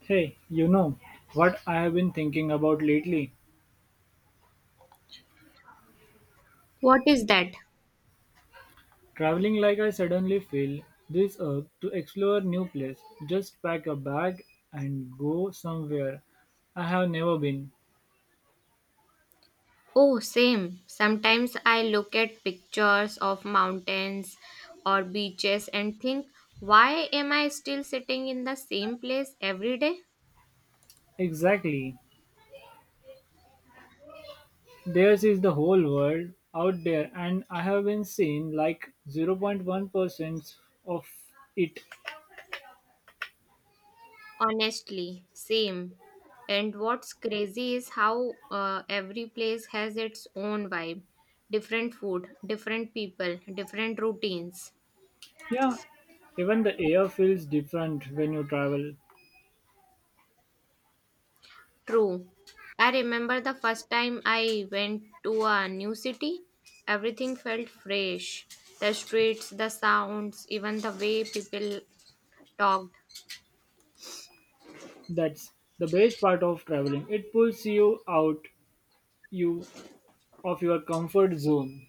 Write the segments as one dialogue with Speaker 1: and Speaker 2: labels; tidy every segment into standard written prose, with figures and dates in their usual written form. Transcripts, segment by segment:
Speaker 1: Hey, you know what I have been thinking about lately?
Speaker 2: What is that?
Speaker 1: Traveling like I suddenly feel this urge to explore new place. Just pack a bag and go somewhere I have never been.
Speaker 2: Oh, same. Sometimes I look at pictures of mountains or beaches and think, why am I still sitting in the same place every day?
Speaker 1: Exactly. Theirs is the whole world out there and I have been seeing like 0.1% of it.
Speaker 2: Honestly, same. And what's crazy is how every place has its own vibe, different food, different people, different routines.
Speaker 1: Yeah. Even the air feels different when you travel.
Speaker 2: True. I remember the first time I went to a new city. Everything felt fresh. The streets, the sounds, even the way people talked.
Speaker 1: That's the best part of traveling. It pulls you out you of your comfort zone.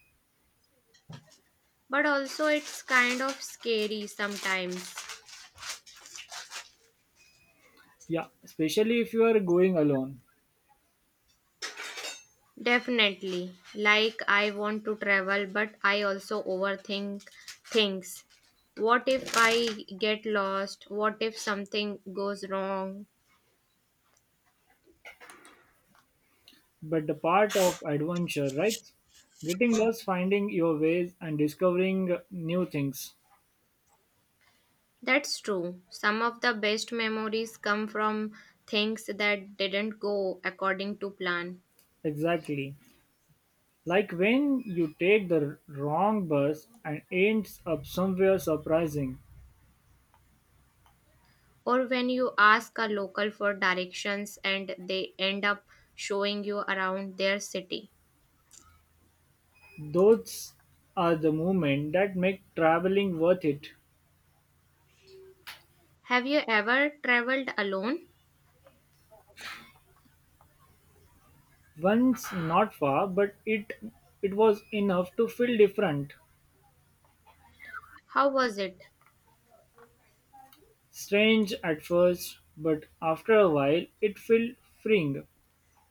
Speaker 2: But also, it's kind of scary sometimes.
Speaker 1: Yeah, especially if you are going alone.
Speaker 2: Definitely. Like, I want to travel, but I also overthink things. What if I get lost? What if something goes wrong?
Speaker 1: But the part of adventure, right? Getting lost, finding your ways, and discovering new things.
Speaker 2: That's true. Some of the best memories come from things that didn't go according to plan,
Speaker 1: Exactly. Like when you take the wrong bus and ends up somewhere surprising.
Speaker 2: or when you ask a local for directions and they end up showing you around their city.
Speaker 1: Those are the moments that make traveling worth it.
Speaker 2: Have you ever traveled alone?
Speaker 1: Once not far, but it was enough to feel different.
Speaker 2: How was it?
Speaker 1: Strange at first, but after a while it felt freeing.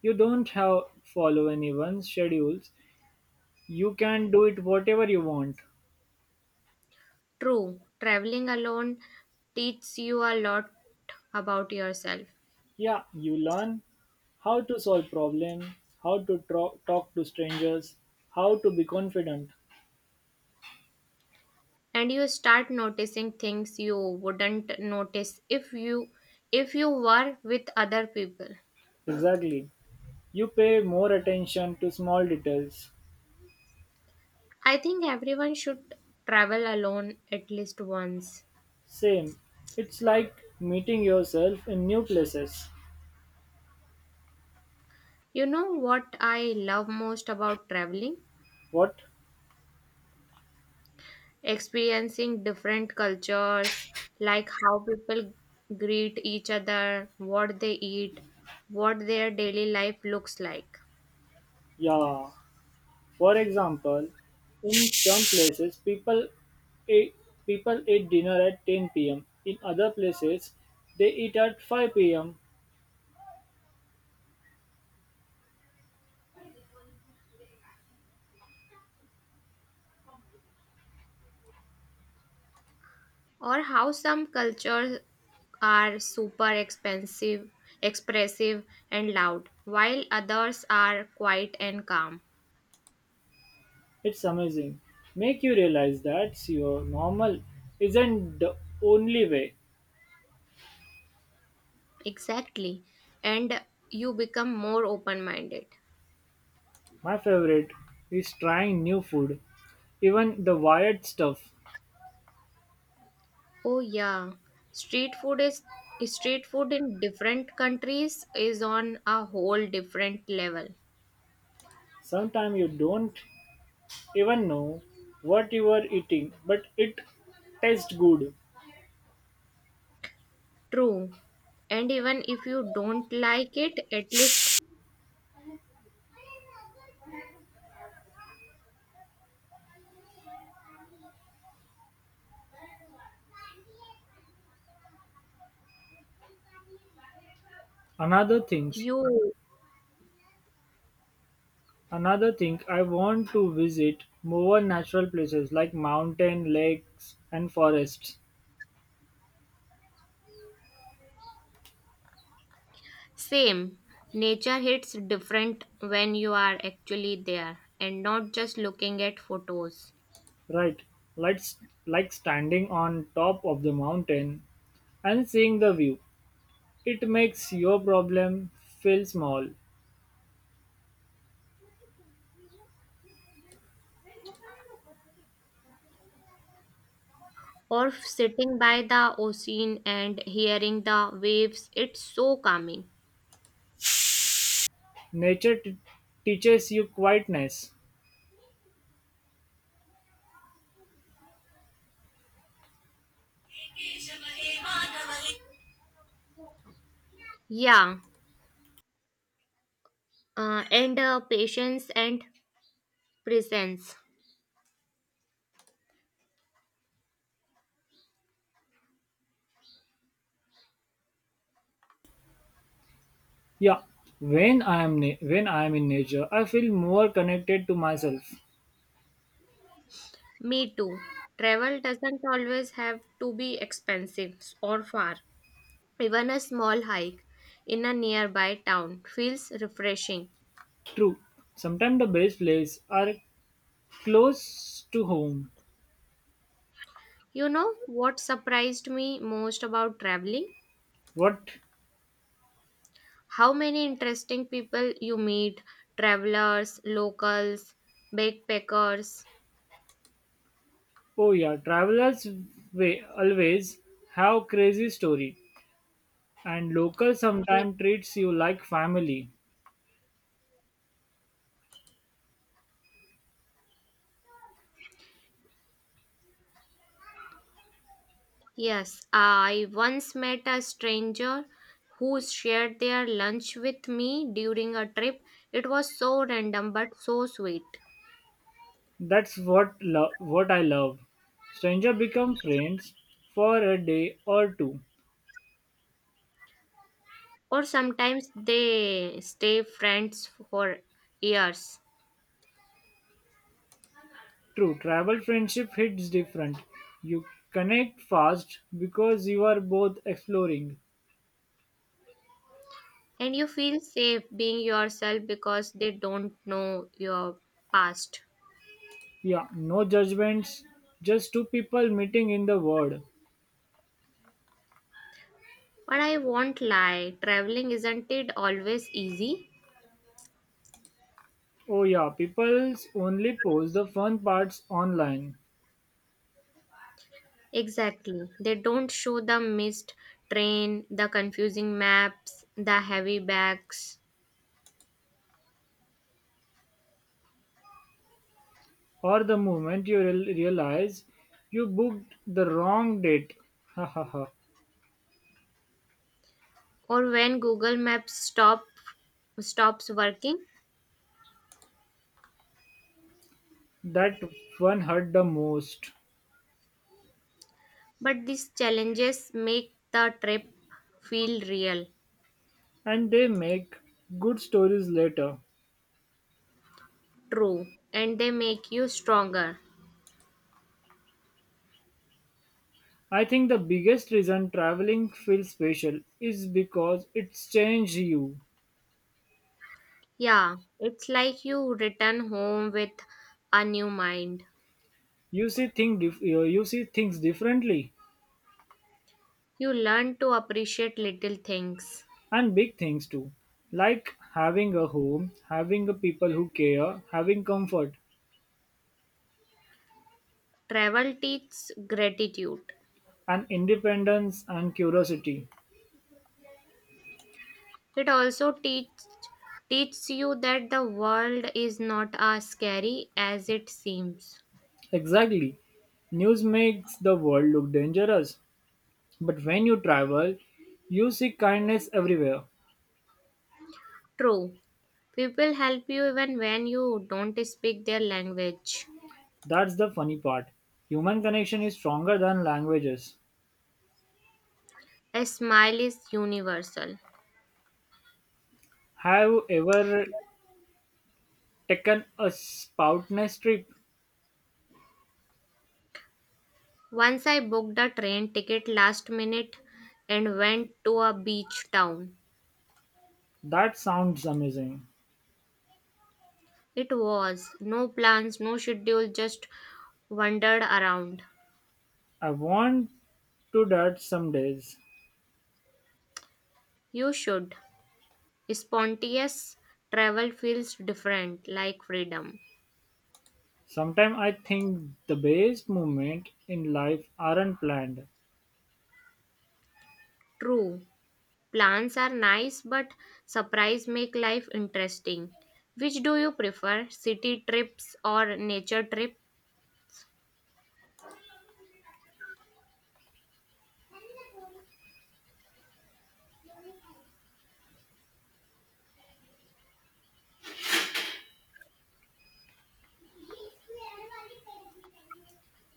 Speaker 1: You don't have follow anyone's schedules. You can do it whatever you want.
Speaker 2: True, traveling alone teaches you a lot about yourself,
Speaker 1: Yeah, you learn how to solve problems, how to talk to strangers, how to be confident.
Speaker 2: and you start noticing things you wouldn't notice if you were with other people.
Speaker 1: Exactly. You pay more attention to small details.
Speaker 2: I think everyone should travel alone at least once.
Speaker 1: Same. It's like meeting yourself in new places.
Speaker 2: You know what I love most about traveling?
Speaker 1: What?
Speaker 2: Experiencing different cultures, like how people greet each other, what they eat, what their daily life looks like,
Speaker 1: Yeah. For example, in some places eat, people eat dinner at 10 p.m. In other places, they eat at 5 p.m.
Speaker 2: or how some cultures are super expensive, expressive, and loud, while others are quiet and calm.
Speaker 1: It's amazing. Make you realize that your normal isn't the only way.
Speaker 2: Exactly. And you become more open minded.
Speaker 1: My favorite is trying new food, even the wired stuff.
Speaker 2: Oh yeah. Street food is Street food in different countries is on a whole different level.
Speaker 1: Sometimes you don't even know what you are eating, but it tastes good.
Speaker 2: True. And even if you don't like it, at least
Speaker 1: Another thing
Speaker 2: you
Speaker 1: Another thing, I want to visit more natural places like mountain, lakes and forests.
Speaker 2: same. Nature hits different when you are actually there and not just looking at photos.
Speaker 1: Right. Like like standing on top of the mountain and seeing the view. It makes your problem feel small.
Speaker 2: Or sitting by the ocean and hearing the waves, it's so calming.
Speaker 1: Nature teaches you quietness.
Speaker 2: Yeah, and patience and presence.
Speaker 1: Yeah, when I am in nature, I feel more connected to myself.
Speaker 2: Me too. Travel doesn't always have to be expensive or far. Even a small hike in a nearby town feels refreshing.
Speaker 1: True, sometimes the best places are close to home.
Speaker 2: You know what surprised me most about traveling?
Speaker 1: What?
Speaker 2: How many interesting people you meet, travelers, locals, backpackers.
Speaker 1: Oh yeah, travelers always have crazy story, and local sometimes treats you like family.
Speaker 2: Yes, I once met a stranger who shared their lunch with me during a trip. It was so random but so sweet.
Speaker 1: That's what I love. Stranger become friends for a day or two.
Speaker 2: Or sometimes they stay friends for years,
Speaker 1: True, travel friendship hits different. You connect fast because you are both exploring.
Speaker 2: and you feel safe being yourself because they don't know your past.
Speaker 1: Yeah, no judgments, just two people meeting in the world.
Speaker 2: But I won't lie, traveling isn't it always easy?
Speaker 1: Oh yeah, people's only post the fun parts online.
Speaker 2: Exactly. They don't show the missed train, the confusing maps, the heavy bags,
Speaker 1: Or the moment you realize you booked the wrong date. Ha ha ha.
Speaker 2: or when Google Maps stops working.
Speaker 1: That one hurt the most.
Speaker 2: But these challenges make the trip feel real,
Speaker 1: And they make good stories later.
Speaker 2: true, and they make you stronger.
Speaker 1: I think the biggest reason traveling feels special is because it's changed you.
Speaker 2: Yeah, it's like you return home with a new mind.
Speaker 1: You see you see things differently
Speaker 2: You learn to appreciate little things.
Speaker 1: and big things too. Like having a home, having a people who care, having comfort
Speaker 2: Travel teaches gratitude.
Speaker 1: and independence and curiosity.
Speaker 2: It also teaches you that the world is not as scary as it seems.
Speaker 1: Exactly. News makes the world look dangerous. But when you travel, you see kindness everywhere.
Speaker 2: True. People help you even when you don't speak their language.
Speaker 1: That's the funny part. Human connection is stronger than languages.
Speaker 2: A smile is universal.
Speaker 1: Have you ever taken a spoutness trip?
Speaker 2: Once I booked a train ticket last minute and went to a beach town.
Speaker 1: That sounds amazing.
Speaker 2: It was no plans, no schedule, just wandered around.
Speaker 1: I want to that some days.
Speaker 2: You should. Spontaneous travel feels different, like freedom.
Speaker 1: Sometimes I think the best moments in life aren't planned.
Speaker 2: True, plans are nice, but surprise make life interesting. Which do you prefer, city trips or nature trip?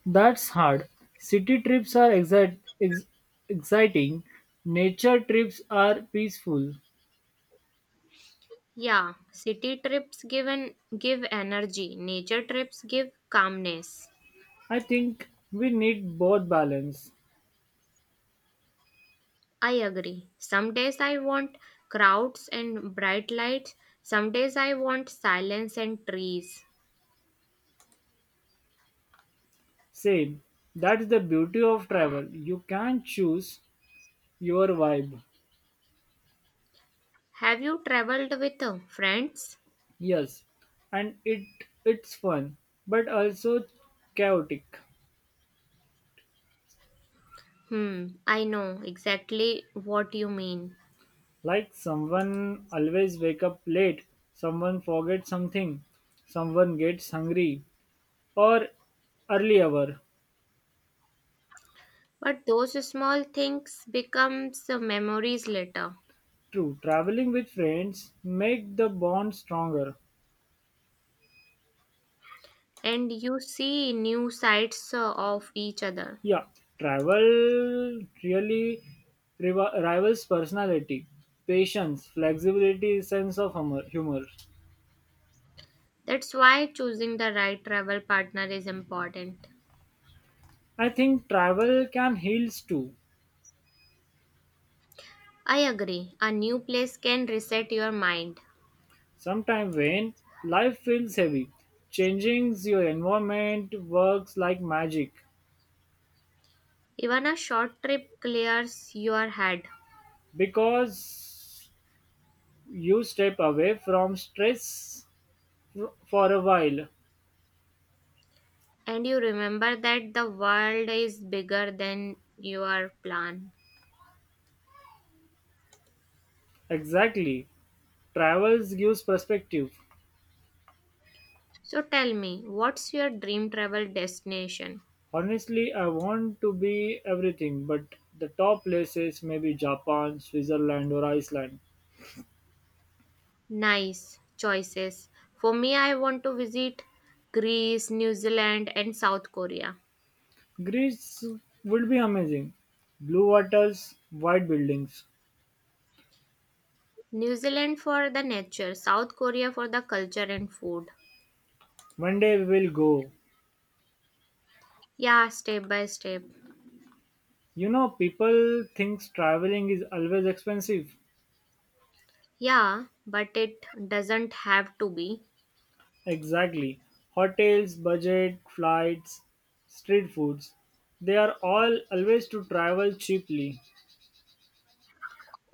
Speaker 1: That's hard. City trips are exciting, nature trips are peaceful.
Speaker 2: Yeah, city trips give an, give energy, nature trips give calmness.
Speaker 1: I think we need both balance.
Speaker 2: I agree. Some days I want crowds and bright lights, some days I want silence and trees.
Speaker 1: Same. That's the beauty of travel. You can choose your vibe.
Speaker 2: Have you traveled with friends?
Speaker 1: Yes, and it's fun, but also chaotic.
Speaker 2: Hmm, I know exactly what you mean.
Speaker 1: Like someone always wake up late, someone forgets something, someone gets hungry, or early hour.
Speaker 2: But those small things becomes memories later,
Speaker 1: True, traveling with friends make the bond stronger.
Speaker 2: and you see new sides of each other.
Speaker 1: Yeah, travel really rivals personality, patience, flexibility, sense of humor. Humor.
Speaker 2: That's why choosing the right travel partner is important.
Speaker 1: I think travel can heal too.
Speaker 2: I agree. A new place can reset your mind.
Speaker 1: Sometimes when life feels heavy, changing your environment works like magic
Speaker 2: Even a short trip clears your head,
Speaker 1: because you step away from stress for a while.
Speaker 2: and you remember that the world is bigger than your plan.
Speaker 1: Exactly. Travels gives perspective.
Speaker 2: So tell me, what's your dream travel destination?
Speaker 1: Honestly, I want to be everything, but the top places may be Japan, Switzerland, or Iceland.
Speaker 2: Nice choices. For me, I want to visit Greece, New Zealand, and South Korea.
Speaker 1: Greece would be amazing. Blue waters, white buildings.
Speaker 2: New Zealand for the nature, South Korea for the culture and food.
Speaker 1: One day we will go.
Speaker 2: Yeah, step by step.
Speaker 1: You know, people think traveling is always expensive.
Speaker 2: Yeah, but it doesn't have to be.
Speaker 1: Exactly. Hotels, budget, flights, street foods. They are all always to travel cheaply.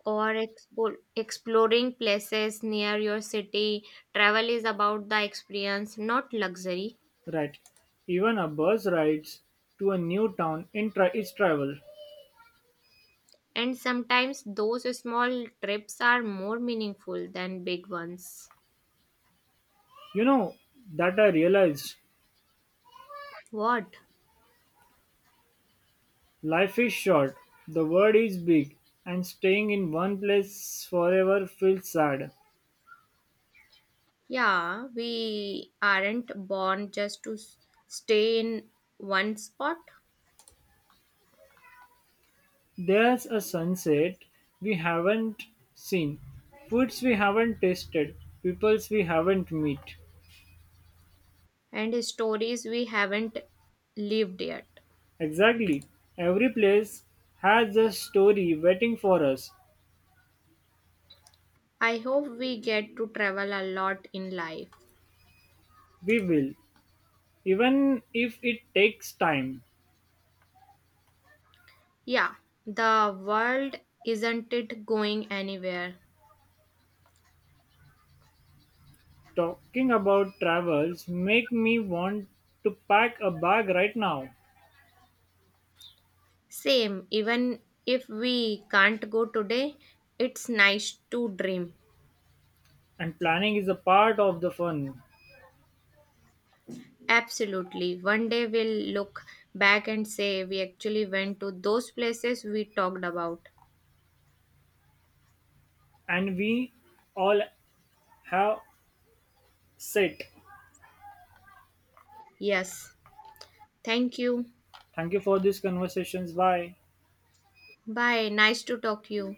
Speaker 2: Or exploring places near your city. Travel is about the experience, not luxury.
Speaker 1: Right. Even a bus rides to a new town in is travel.
Speaker 2: And sometimes those small trips are more meaningful than big ones.
Speaker 1: You know that I realized
Speaker 2: What?
Speaker 1: life is short, the world is big, and staying in one place forever feels sad.
Speaker 2: Yeah, we aren't born just to stay in one spot,
Speaker 1: There's a sunset we haven't seen, foods we haven't tasted, peoples we haven't met.
Speaker 2: and stories we haven't lived yet.
Speaker 1: Exactly, every place has a story waiting for us.
Speaker 2: I hope we get to travel a lot in life.
Speaker 1: We will, even if it takes time.
Speaker 2: Yeah, the world isn't it going anywhere.
Speaker 1: Talking about travels make me want to pack a bag right now.
Speaker 2: Same, even if we can't go today, it's nice to dream.
Speaker 1: And planning is a part of the fun.
Speaker 2: Absolutely. One day we'll look back and say we actually went to those places we talked about.
Speaker 1: And we all have set.
Speaker 2: Yes. Thank you.
Speaker 1: Thank you for these conversations. Bye.
Speaker 2: Bye. Nice to talk to you.